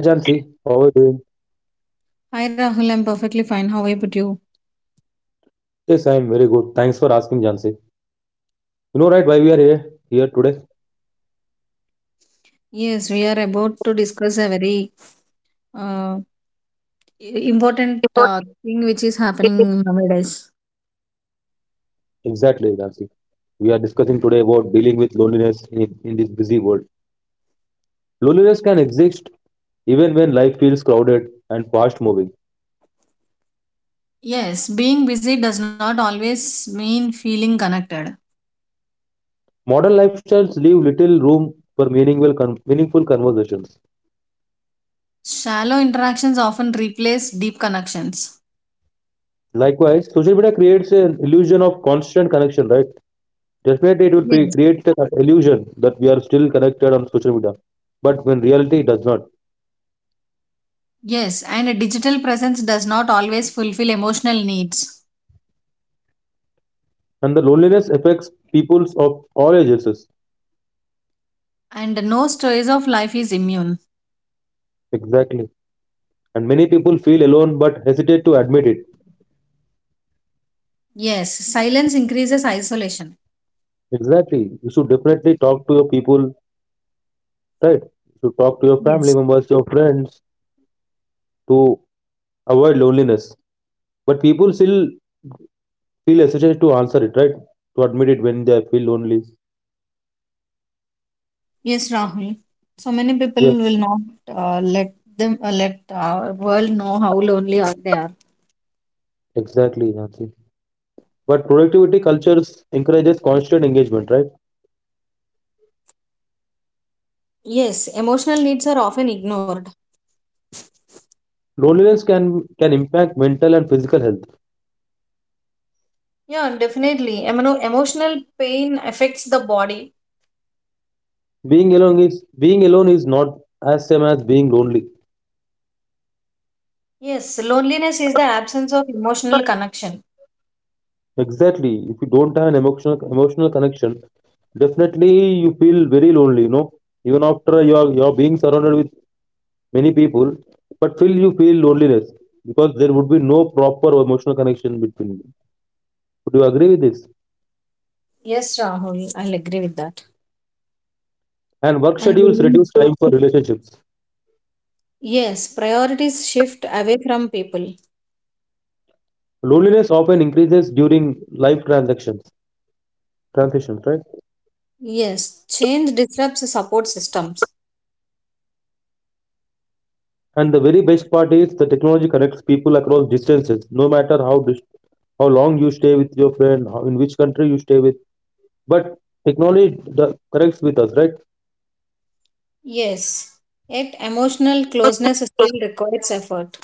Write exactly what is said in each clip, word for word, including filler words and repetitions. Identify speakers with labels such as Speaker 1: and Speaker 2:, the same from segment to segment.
Speaker 1: Hi Jansi, how are you doing?
Speaker 2: Hi Rahul, I'm perfectly fine. How about you?
Speaker 1: Yes, I am very good. Thanks for asking Jansi. You know right why we are here here today?
Speaker 2: Yes, we are about to discuss a very uh, important uh, thing which is happening nowadays.
Speaker 1: Exactly, Jansi. We are discussing today about dealing with loneliness in, in this busy world. Loneliness can exist even when life feels crowded and fast moving.
Speaker 2: Yes, being busy does not always mean feeling connected.
Speaker 1: Modern lifestyles leave little room for meaningful con- meaningful conversations.
Speaker 2: Shallow interactions often replace deep connections.
Speaker 1: Likewise, social media creates an illusion of constant connection, right? Definitely, it will pre-
Speaker 2: Yes.
Speaker 1: create the illusion that we are still connected on social media, but when reality it does not.
Speaker 2: Yes, and a digital presence does not always fulfill emotional needs.
Speaker 1: And the loneliness affects peoples of all ages.
Speaker 2: And no stage of life is immune.
Speaker 1: Exactly. And many people feel alone but hesitate to admit it.
Speaker 2: Yes, silence increases isolation.
Speaker 1: Exactly. You should definitely talk to your people, right? You should talk to your family
Speaker 2: Yes.
Speaker 1: members, your friends to avoid loneliness. But people still feel hesitant to answer it, right? To admit it when they feel lonely.
Speaker 2: Yes, Rahul. So many
Speaker 1: Yes,
Speaker 2: people will not uh, let them uh, let our world know how lonely are they are.
Speaker 1: exactly, Nancy. But productivity cultures encourages constant engagement, right?
Speaker 2: Yes, emotional needs are often ignored.
Speaker 1: Loneliness can can impact mental and physical health.
Speaker 2: Yeah, definitely. Emo- emotional pain affects the body.
Speaker 1: Being alone is being alone is not as same as being lonely.
Speaker 2: Yes, loneliness is the absence of emotional connection.
Speaker 1: Exactly. If you don't have an emotional emotional connection, definitely you feel very lonely, you know. Even after you are you are being surrounded with many people, but still you feel loneliness because there would be no proper emotional connection between you. Would you agree with this?
Speaker 2: Yes, Rahul, I'll agree with that.
Speaker 1: And work
Speaker 2: And
Speaker 1: schedules
Speaker 2: lonely-
Speaker 1: reduce time for relationships.
Speaker 2: yes, priorities shift away from people.
Speaker 1: Loneliness often increases during life transactions, transitions, right?
Speaker 2: Yes, change disrupts support systems.
Speaker 1: And the very best part is the technology connects people across distances, no matter how dis- how long you stay with your friend, how, in which country you stay with. But technology the, connects with us, right?
Speaker 2: Yes, yet emotional closeness still requires effort.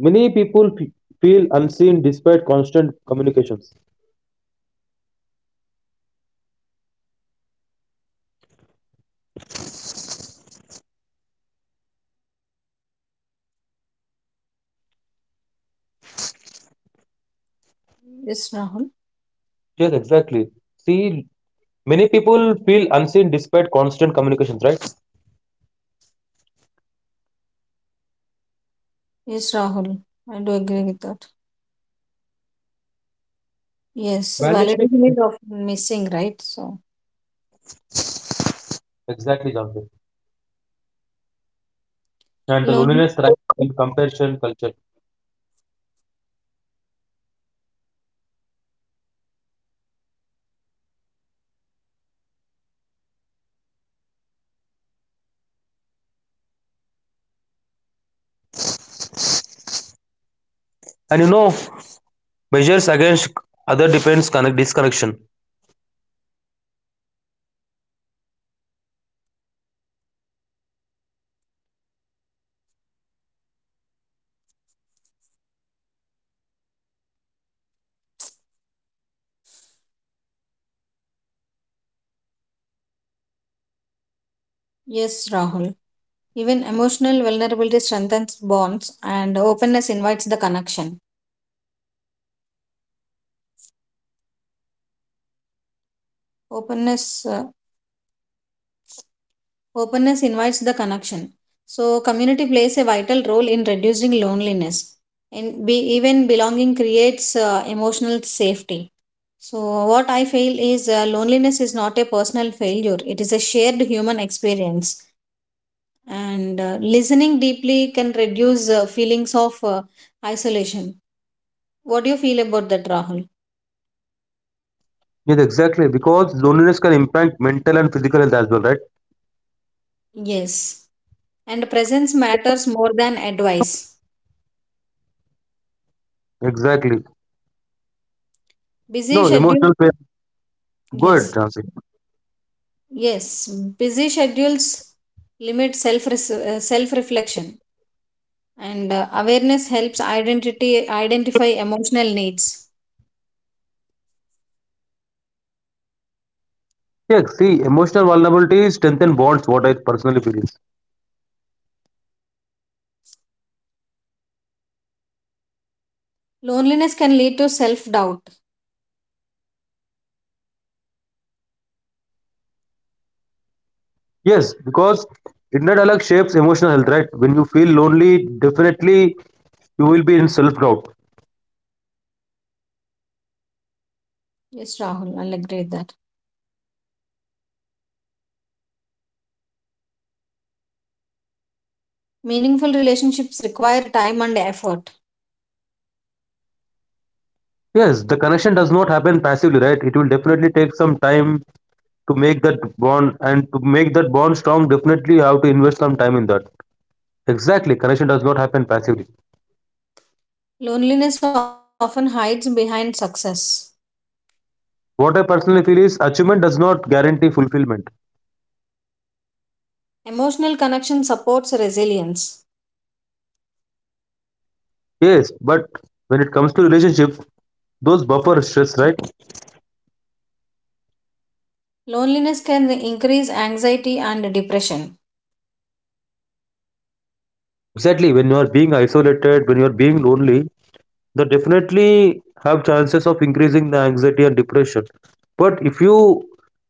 Speaker 1: Many people fe- feel unseen despite constant communications.
Speaker 2: Yes, Rahul.
Speaker 1: Yes, exactly. See, many people feel unseen despite constant communications, right?
Speaker 2: Yes, Rahul. I do agree with that. Yes,
Speaker 1: Validation is
Speaker 2: validation is often missing, right? So,
Speaker 1: exactly, Jonathan. And the
Speaker 2: lonely.
Speaker 1: loneliness thrives in comparison culture. And you know, measures against other depends connect disconnection.
Speaker 2: Yes, Rahul. Even emotional vulnerability strengthens bonds, and openness invites the connection. Openness, uh, openness invites the connection. So, community plays a vital role in reducing loneliness, and be, even belonging creates uh, emotional safety. So, what I feel is uh, loneliness is not a personal failure, it is a shared human experience. And uh, listening deeply can reduce uh, feelings of uh, isolation. What do you feel about that, Rahul?
Speaker 1: Yes, exactly. Because loneliness can impact mental and physical health as well, right?
Speaker 2: Yes, and presence matters more than advice.
Speaker 1: Exactly.
Speaker 2: Busy
Speaker 1: No,
Speaker 2: schedule.
Speaker 1: emotional pain. Go ahead,
Speaker 2: Yes,
Speaker 1: Jansi.
Speaker 2: yes. Busy schedules limit self self reflection, and uh, awareness helps identity identify emotional needs.
Speaker 1: Yeah, see, emotional vulnerability strengthens bonds, what I personally feel is.
Speaker 2: Loneliness can lead to self doubt.
Speaker 1: Yes, because inner dialogue shapes emotional health, right? When you feel lonely, definitely you will be in self doubt.
Speaker 2: Yes, Rahul, I'll agree with that. Meaningful relationships require time and effort.
Speaker 1: Yes, the connection does not happen passively, right? It will definitely take some time to make that bond and to make that bond strong. Definitely, you have to invest some time in that. Exactly, connection does not happen passively.
Speaker 2: Loneliness often hides behind success.
Speaker 1: What I personally feel is achievement does not guarantee fulfillment.
Speaker 2: Emotional connection supports resilience.
Speaker 1: Yes, but when it comes to relationships, those buffer stress, right?
Speaker 2: Loneliness can increase anxiety and depression.
Speaker 1: Exactly, when you are being isolated, when you are being lonely, they definitely have chances of increasing the anxiety and depression. But if you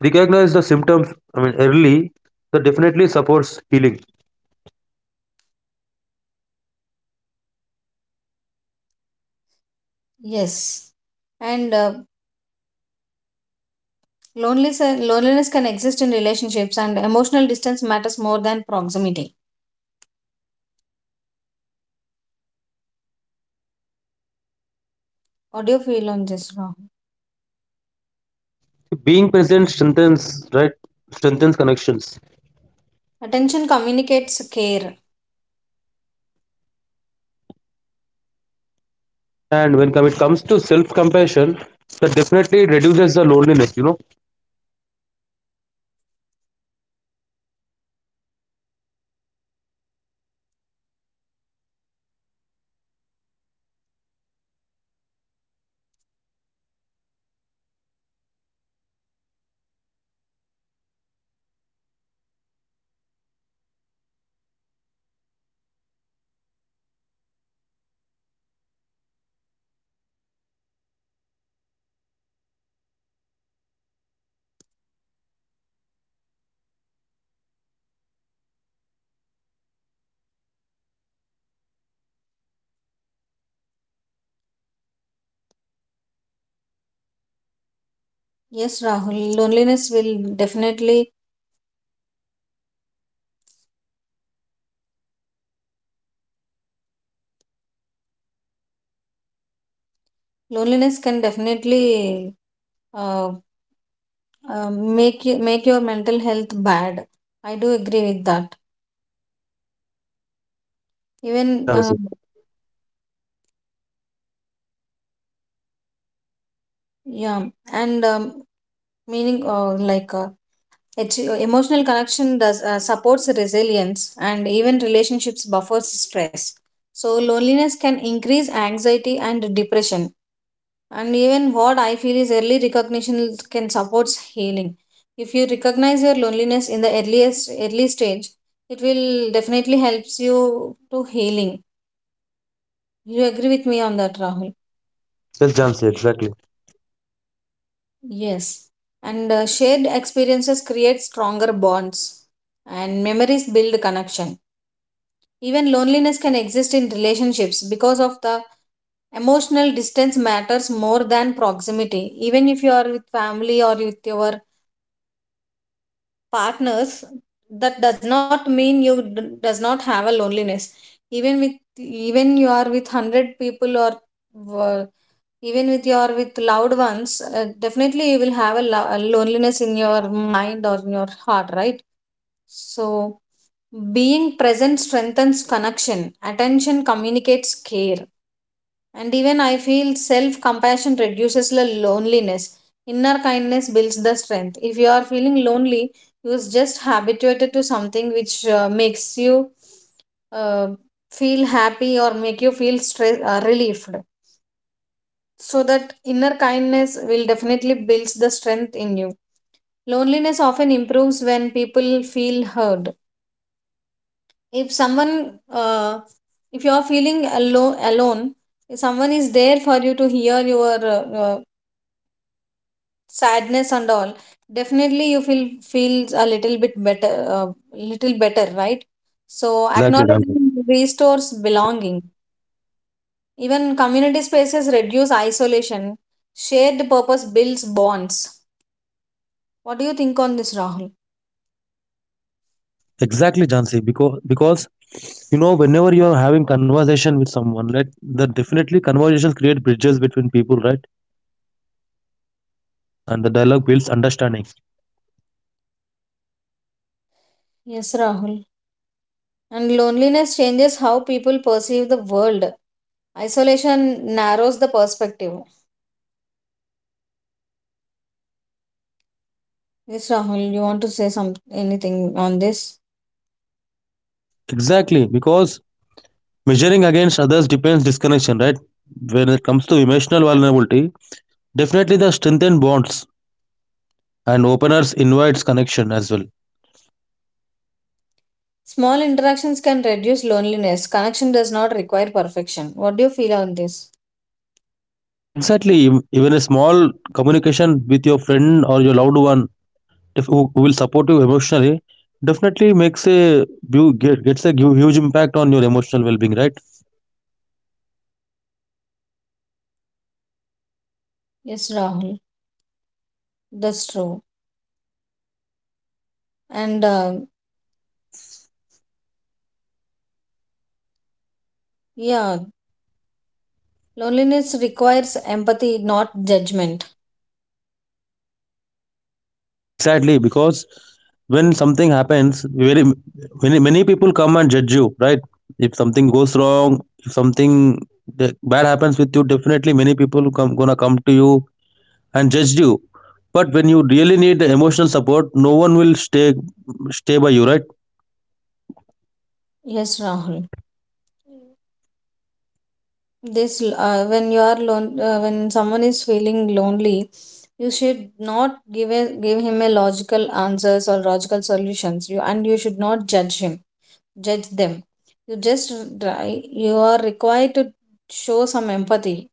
Speaker 1: recognize the symptoms, I mean, early, that definitely supports healing.
Speaker 2: Yes. And uh, loneliness, uh, loneliness can exist in relationships, and emotional distance matters more than proximity. What do you feel on this, Rahul?
Speaker 1: Being present strengthens, right? Strengthens connections.
Speaker 2: Attention communicates care.
Speaker 1: And when come, it comes to self-compassion, that definitely reduces the loneliness, you know.
Speaker 2: Yes, Rahul. Loneliness will definitely, loneliness can definitely uh, uh, make, you, make your mental health bad. I do agree with that. Even
Speaker 1: Yes,
Speaker 2: uh,
Speaker 1: Jansi.
Speaker 2: yeah. And um, meaning uh, like uh, it's, uh, emotional connection does uh, supports resilience, and even relationships buffers stress. So loneliness can increase anxiety and depression. And even what I feel is early recognition can supports healing. If you recognize your loneliness in the earliest early stage, it will definitely helps you to healing. You agree with me on that, Rahul?
Speaker 1: Yes, Jansi. Exactly.
Speaker 2: Yes, and uh, shared experiences create stronger bonds, and memories build connection. Even loneliness can exist in relationships because of the emotional distance matters more than proximity. Even if you are with family or with your partners, that does not mean you d- does not have a loneliness. Even with, even you are with a hundred people or uh, even with your with loved ones, uh, definitely you will have a, lo- a loneliness in your mind or in your heart, right? So being present strengthens connection, attention communicates care. And even I feel self compassion reduces the loneliness. Inner kindness builds the strength. If you are feeling lonely, you is just habituated to something which uh, makes you uh, feel happy or make you feel stress uh, relieved. So that inner kindness will definitely builds the strength in you. Loneliness often improves when people feel heard. If someone, uh, if you are feeling alo- alone, if someone is there for you to hear your uh, uh, sadness and all, definitely you feel feels a little bit better, uh, little better, right? So
Speaker 1: Exactly, Jansi.
Speaker 2: acknowledgement restores belonging, even community spaces reduce isolation, shared purpose builds bonds. What do you think on this, Rahul?
Speaker 1: Exactly, Jansi. Because because you know, whenever you are having conversation with someone, right, the definitely conversations create bridges between people, right, and the dialogue builds understanding.
Speaker 2: Yes, Rahul. And loneliness changes how people perceive the world, isolation narrows the perspective. Yes, Rahul, you want to say some anything on this?
Speaker 1: Exactly, because measuring against others depends disconnection, right. When it comes to emotional vulnerability, definitely the strengthen bonds and openers invites connection as well.
Speaker 2: Small interactions can reduce loneliness. Connection does not require perfection. What do you feel on this?
Speaker 1: Exactly. ev- Even a small communication with your friend or your loved one if who, who will support you emotionally definitely makes a bu- get, gets a hu- huge impact on your emotional well-being, right?
Speaker 2: Yes, Rahul, that's true. And uh, yeah, loneliness requires empathy, not judgment.
Speaker 1: Exactly, because when something happens, very many many people come and judge you, right? If something goes wrong, if something de- bad happens with you, definitely many people come gonna come to you and judge you. But when you really need emotional support, no one will stay stay by you, right?
Speaker 2: Yes, Rahul. This uh, when you are lon uh, when someone is feeling lonely, you should not give a, give him a logical answers or logical solutions. You and you should not judge him, judge them. You just try. You are required to show some empathy,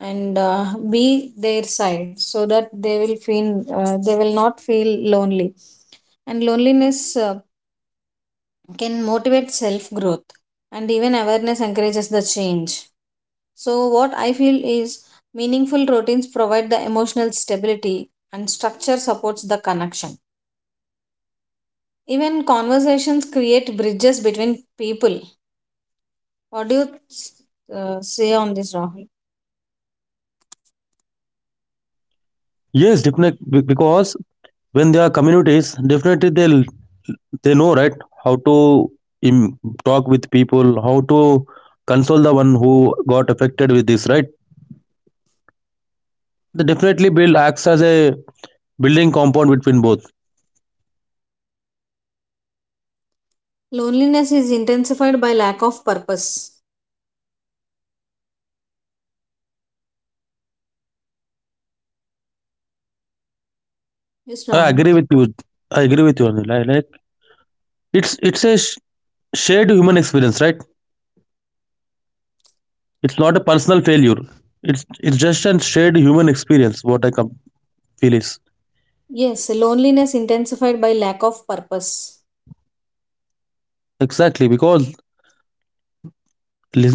Speaker 2: and uh, be their side so that they will feel uh, they will not feel lonely. And loneliness uh, can motivate self growth, and even awareness encourages the change. So what I feel is meaningful routines provide the emotional stability, and structure supports the connection. Even conversations create bridges between people. What do you uh, say on this, Rahul?
Speaker 1: Yes, definitely because when they are communities, definitely they they know right how to im- talk with people, how to console the one who got affected with this, right? They definitely build acts as a building compound between both.
Speaker 2: Loneliness is intensified by lack of purpose. Yes,
Speaker 1: I
Speaker 2: Rahul.
Speaker 1: agree with you. I agree with you. Anil. I like it's it's a sh- shared human experience, right? It's not a personal failure. It's it's just a shared human experience. What I com- feel is
Speaker 2: Yes, loneliness intensified by lack of purpose.
Speaker 1: exactly because Lis-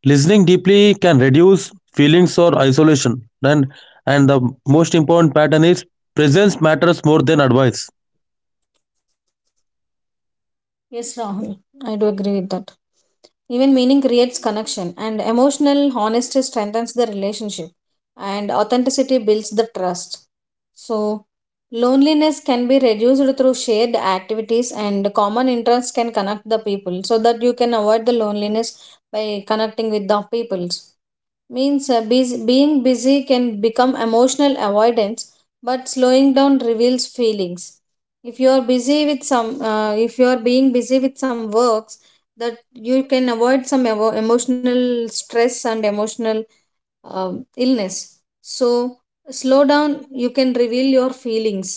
Speaker 1: listening deeply can reduce feelings or isolation and and the most important pattern is presence matters more than advice
Speaker 2: Yes, Rahul, I do agree with that. Even meaning creates connection, and emotional honesty strengthens the relationship, and authenticity builds the trust. So, loneliness can be reduced through shared activities, and common interests can connect the people so that you can avoid the loneliness by connecting with the peoples. Means uh, bus- being busy can become emotional avoidance, but slowing down reveals feelings. If you are busy with some uh, if you are being busy with some works, that you can avoid some evo- emotional stress and emotional um, illness. So slow down you can reveal your feelings.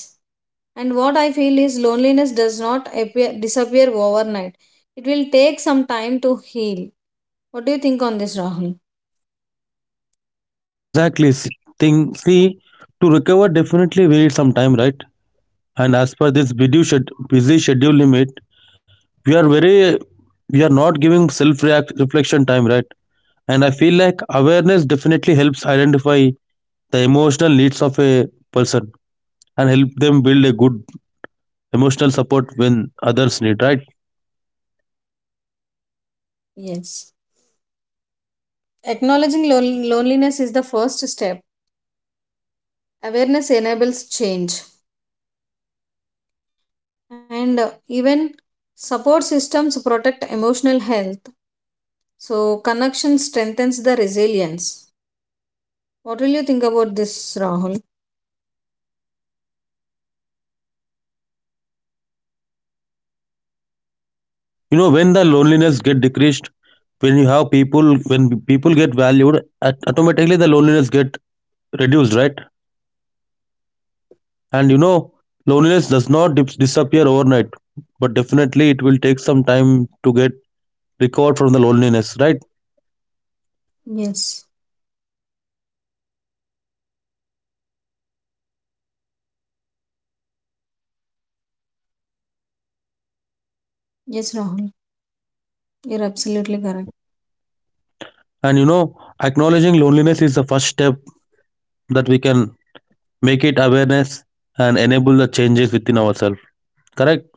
Speaker 2: And what I feel is loneliness does not appear, disappear overnight. It will take some time to heal. What do you think on this, Rahul?
Speaker 1: exactly s- thing see to recover definitely we need some time right and as per this video shed, busy schedule limit we are very we are not giving self react reflection time right and I feel like awareness definitely helps identify the emotional needs of a person and help them build a good emotional support when others need right.
Speaker 2: Yes. Acknowledging lon- loneliness is the first step. Awareness enables change, and uh, even support systems protect emotional health. So, connection strengthens the resilience. What will you think about this, Rahul?
Speaker 1: You know when the loneliness get decreased, when you have people, when people get valued, at- automatically the loneliness get reduced right. And you know loneliness does not dis- disappear overnight but definitely it will take some time to get recovered from the loneliness right.
Speaker 2: Yes, yes, Rahul. You're absolutely correct.
Speaker 1: And you know acknowledging loneliness is the first step that we can make it awareness and enable the changes within ourselves, correct?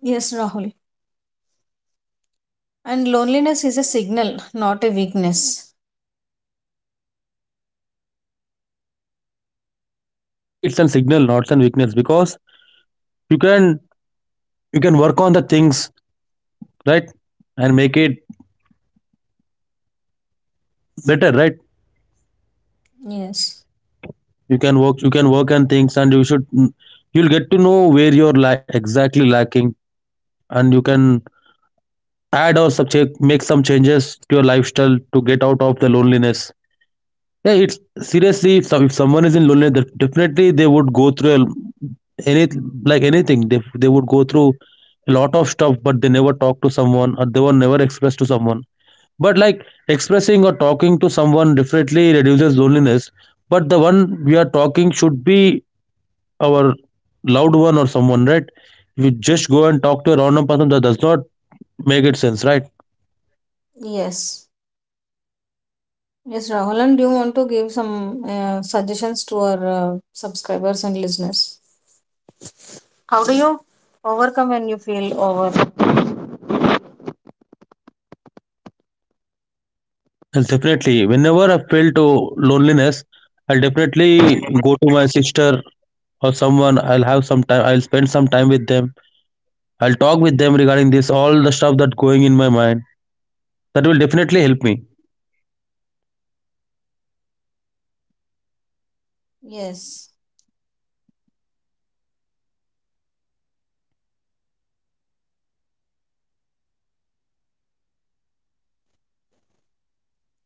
Speaker 2: Yes, Rahul. And loneliness is a signal, not a weakness.
Speaker 1: Definitely it's a signal not a weakness because you can you can work on the things right and make it better right.
Speaker 2: Yes,
Speaker 1: you can work you can work on things and you should you'll get to know where you're la- exactly lacking and you can add or subject make some changes to your lifestyle to get out of the loneliness. Yeah it's seriously if, some- if someone is in loneliness def- definitely they would go through a, any like anything they, they would go through a lot of stuff but they never talk to someone or they were never expressed to someone. But like expressing or talking to someone differently reduces loneliness. But the one we are talking should be our loved one or someone, right? If you just go and talk to a random person, that does not make it sense, right?
Speaker 2: yes, yes, Rahul. And do you want to give some uh, suggestions to our uh, subscribers and listeners? How do you overcome when you feel over?
Speaker 1: And definitely, whenever I feel to loneliness, I'll definitely go to my sister or someone. I'll have some time. I'll spend some time with them. I'll talk with them regarding this, all the stuff that going in my mind. That will definitely help me.
Speaker 2: Yes,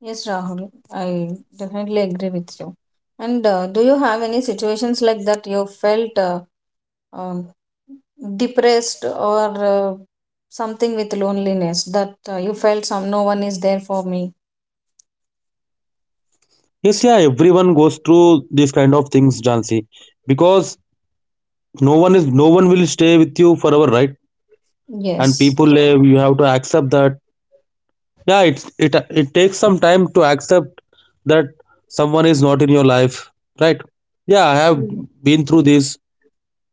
Speaker 2: yes, Rahul, I definitely agree with you. And uh, do you have any situations like that you felt uh, um, depressed or uh, something with loneliness that uh, you felt some no one is there for me?
Speaker 1: Yes, yeah, everyone goes through these kind of things, Jansi, because no one is no one will stay with you forever, right? And
Speaker 2: Yes.
Speaker 1: people live, you have to accept that. Yeah, it's it it takes some time to accept that someone is not in your life, right? Yeah, I have
Speaker 2: Mm,
Speaker 1: been through this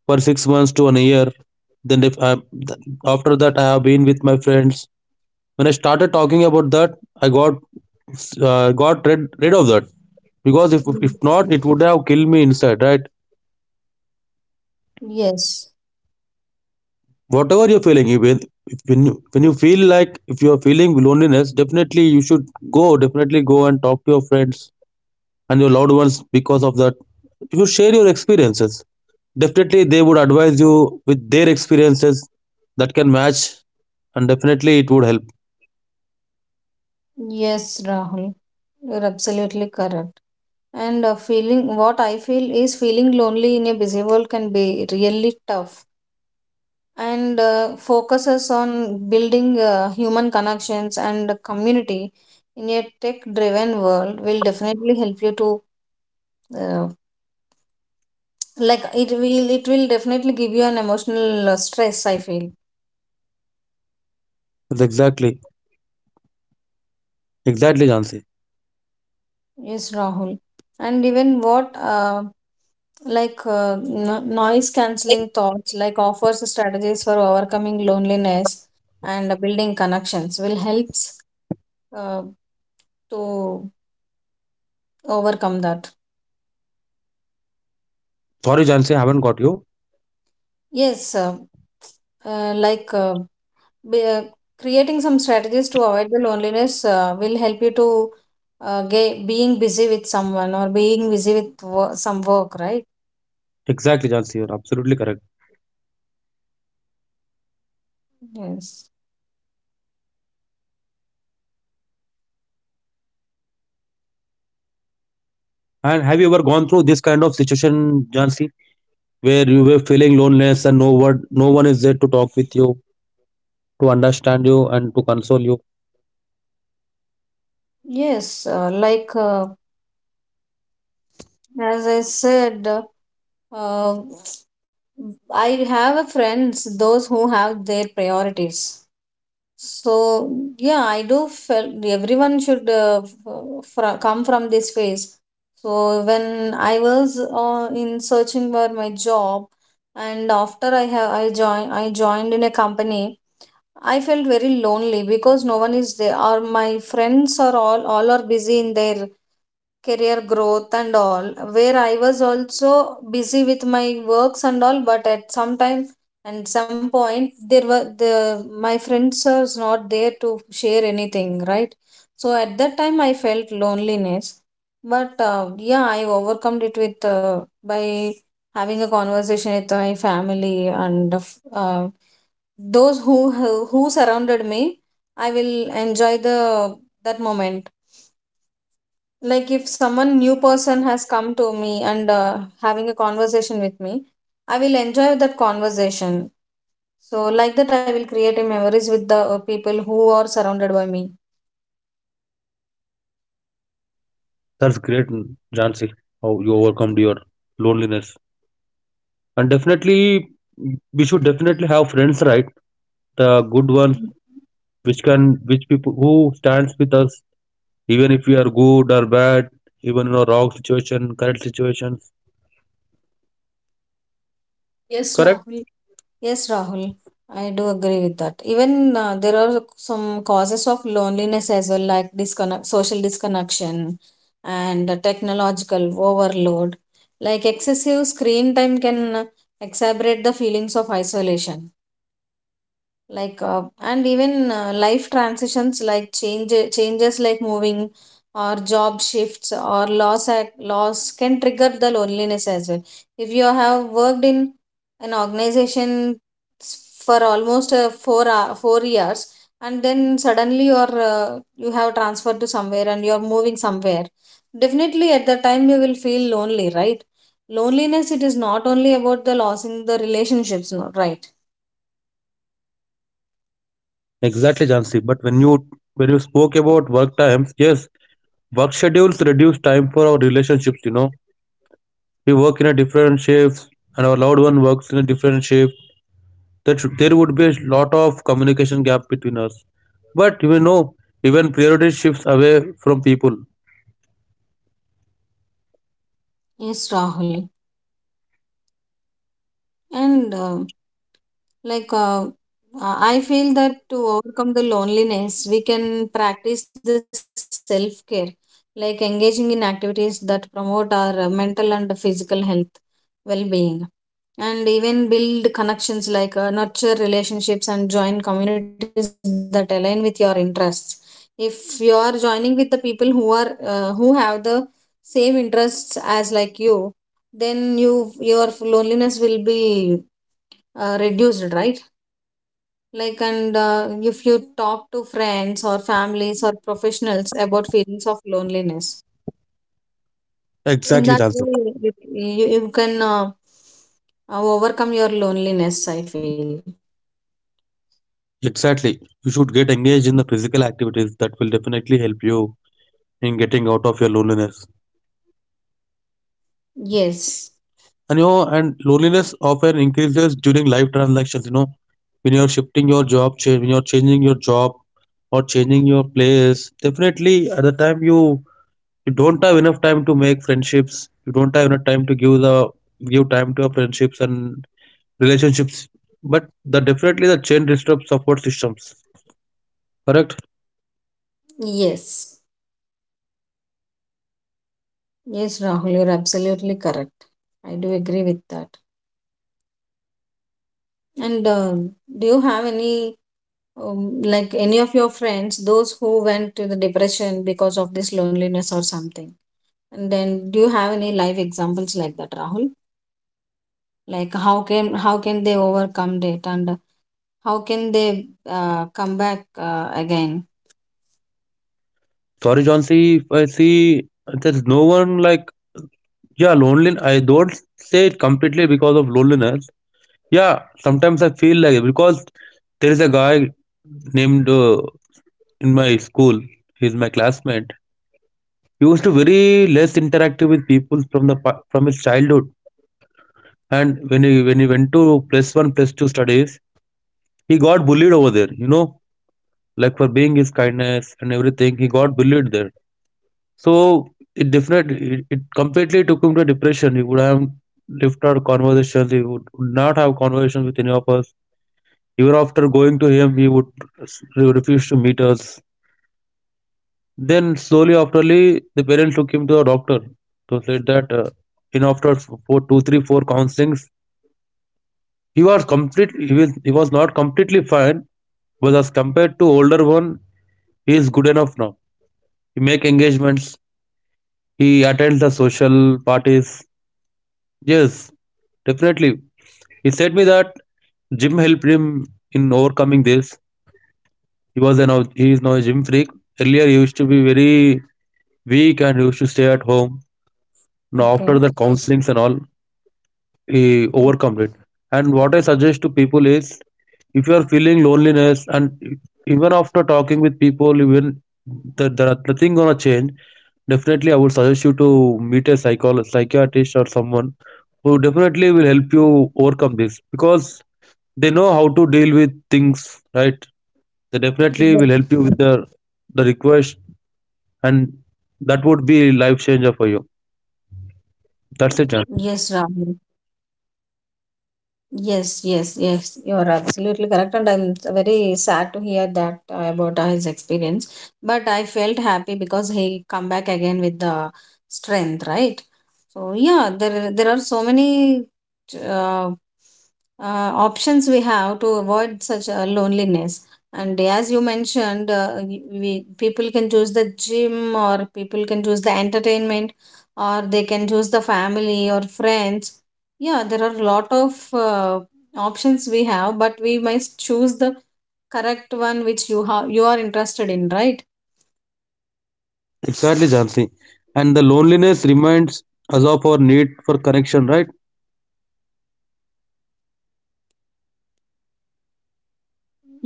Speaker 1: for six months to an year. Then if I, th- after that, I have been with my friends. When I started talking about that, I got uh, got rid rid of that because if if
Speaker 2: mm.
Speaker 1: not, it would have killed me inside, right?
Speaker 2: Yes,
Speaker 1: Whatever you're feeling if, it- when you when you feel like if you're feeling loneliness definitely you should go definitely go and talk to your friends and your loved ones because of that you should share your experiences, definitely they would advise you with their experiences that can match and definitely it would help.
Speaker 2: yes, Rahul, you're absolutely correct. And uh, feeling what I feel is feeling lonely in a busy world can be really tough, and uh, focuses on building uh, human connections and community in a tech driven world will definitely help you to uh, like it will, it will definitely give you an emotional uh, stress, I feel.
Speaker 1: That's exactly exactly, Jansi.
Speaker 2: Yes, Rahul. And even what uh, like uh, no- noise cancelling thoughts like offers strategies for overcoming loneliness, and building connections will helps uh, to overcome that.
Speaker 1: Sorry Jansi, I haven't got you.
Speaker 2: Yes, uh, uh, like uh, be, uh, creating some strategies to avoid the loneliness uh, will help you to uh, get being busy with someone or being busy with wo- some work, right?
Speaker 1: Exactly Jansi, you're absolutely correct.
Speaker 2: Yes.
Speaker 1: And have you ever gone through this kind of situation, Jansi, where you were feeling loneliness and no one no one is there to talk with you, to understand you and to console you.
Speaker 2: Yes, uh, like uh, as I said, uh, uh, I have a friends those who have their priorities. So yeah, I do felt everyone should uh, f- fr- come from this phase. So when I was uh, in searching for my job, and after I have I joined I joined in a company, I felt very lonely because no one is there. Or my friends are all all are busy in their career growth and all. Where I was also busy with my works and all, but at some time and some point there were the my friends was not there to share anything, right? So at that time I felt loneliness. But uh, yeah, I overcome it with uh, by having a conversation with my family and uh, those who who surrounded me. I will enjoy the that moment. Like if someone new person has come to me and uh, having a conversation with me, I will enjoy that conversation. So like that I will create a memories with the uh, people who are surrounded by me.
Speaker 1: That's great, Jansi. How you overcome your loneliness. And definitely, we should definitely have friends, right? The good ones, which can, which people who stands with us, even if we are good or bad, even in a wrong situation, correct situations.
Speaker 2: Yes,
Speaker 1: Correct?
Speaker 2: Rahul. Yes, Rahul, I do agree with that. Even uh, there are some causes of loneliness as well, like disconnect social disconnection and uh, technological overload. Like excessive screen time can uh, exacerbate the feelings of isolation. like uh, and even uh, life transitions like change changes like moving or job shifts or loss at loss can trigger the loneliness as well. If you have worked in an organization s- for almost uh, four hou- four years, and then suddenly you're uh, you have transferred to somewhere and you're moving somewhere, definitely at the time you will feel lonely, right? Loneliness it is not only about the losing the relationships, no, right?
Speaker 1: Exactly, Jansi. But when you when you spoke about work times, yes, work schedules reduce time for our relationships. You know, we work in a different shifts, and our loved one works in a different shift that there would be a lot of communication gap between us. But you know, even priority shifts away from people.
Speaker 2: Yes, Rahul. And uh, like uh, uh, I feel that to overcome the loneliness we can practice the self care, like engaging in activities that promote our uh, mental and physical health well being. And even build connections, like uh, nurture relationships and join communities that align with your interests. If you are joining with the people who are uh, who have the same interests as like you, then you your loneliness will be uh, reduced, right? Like and uh, if you talk to friends or families or professionals about feelings of loneliness, in
Speaker 1: Exactly,
Speaker 2: that
Speaker 1: Jansi.
Speaker 2: way you, you, you can uh, uh, overcome your loneliness, I feel.
Speaker 1: Exactly. You should get engaged in the physical activities that will definitely help you in getting out of your loneliness.
Speaker 2: Yes,
Speaker 1: And you know, and loneliness often increases during life transactions. You know, when you're shifting your job, cha- when you're changing your job or changing your place, definitely at the time you you don't have enough time to make friendships, you don't have enough time to give the give time to your friendships and relationships but the definitely the chain disrupts support systems, correct?
Speaker 2: yes, yes, Rahul, you're absolutely correct. I do agree with that. And um do you have any um, like any of your friends those who went to the depression because of this loneliness or something? And then, do you have any live examples like that, Rahul? Like how can how can they overcome it, and how can they uh, come back uh, again?
Speaker 1: Sorry john see if I see there's no one like, yeah lonely, I don't say it completely because of loneliness. Yeah sometimes I feel like it because there is a guy named uh, in my school, he's my classmate. He was to very less interactive with people from the pa- from his childhood. And when he when he went to plus one, plus two studies, he got bullied over there. You know, like for being his kindness and everything, he got bullied there. So it definitely it, it completely took him to depression. He would have left our conversations. He would not have conversations with any of us. Even after going to him, he would s- re- refuse to meet us. Then slowly, afterly, the parents took him to a doctor. So said that uh, in after f- four, two, three, four counselings, he was complete. He was he was not completely fine, but as compared to older one, he is good enough now. He make engagements. He attends the social parties. Yes, definitely. He said me that gym helped him in overcoming this. He was an he is now a gym freak. Earlier he used to be very weak and used to stay at home. Now
Speaker 2: Okay.
Speaker 1: after the counselings and all, he overcome it. And what I suggest to people is, if you are feeling loneliness and even after talking with people, even that there are nothing gonna change, definitely I would suggest you to meet a psychol psychiatrist or someone who definitely will help you overcome this because they know how to deal with things, right? They definitely will
Speaker 2: Mhm.
Speaker 1: help you with the the request, and that would be life changer for you. That's
Speaker 2: Yes,
Speaker 1: it, Jansi.
Speaker 2: Rahul. Yes, yes, yes. You are absolutely correct, and I'm very sad to hear that uh, about uh, his experience. But I felt happy because he come back again with the strength, right? So yeah, there there are so many uh, uh, options we have to avoid such uh, loneliness. And as you mentioned, uh, we we- people can choose the gym or people can choose the entertainment, or they can choose the family or friends. Yeah, there are a lot of uh, options we have, but we must choose the correct one which you have you are interested in, right?
Speaker 1: Exactly, Jansi. And the loneliness reminds us of our need for connection, right?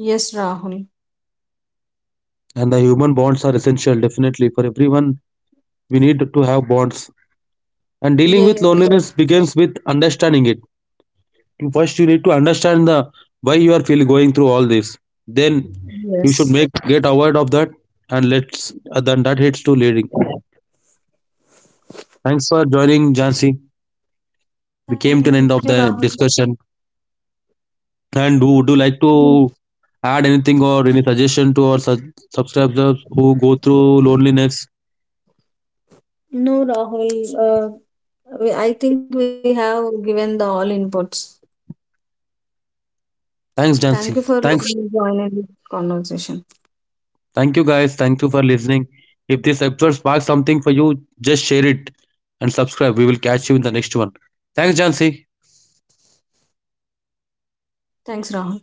Speaker 2: Yes, Rahul.
Speaker 1: And the human bonds are essential, definitely, for everyone. We need to have bonds. And dealing
Speaker 2: Yes,
Speaker 1: with loneliness begins with understanding it. First you need to understand the why you are feel going through all this, then you should
Speaker 2: yes,
Speaker 1: make get aware of that and let's uh, then that hits to leading. Thanks for joining Jansi. We
Speaker 2: thank you,
Speaker 1: came to an
Speaker 2: Rahul.
Speaker 1: end of the discussion. And do would you like to add anything or any suggestion to our su- subscribers who go through loneliness?
Speaker 2: No, Rahul, uh, We- I think we have given the all inputs.
Speaker 1: thanks
Speaker 2: Thank you for
Speaker 1: jansi
Speaker 2: letting me
Speaker 1: thanks
Speaker 2: join in this conversation.
Speaker 1: Thank you guys, thank you for listening. If this episode sparks something for you, just share it and subscribe. We will catch you in the next one. Thanks Jansi.
Speaker 2: Thanks, Rahul.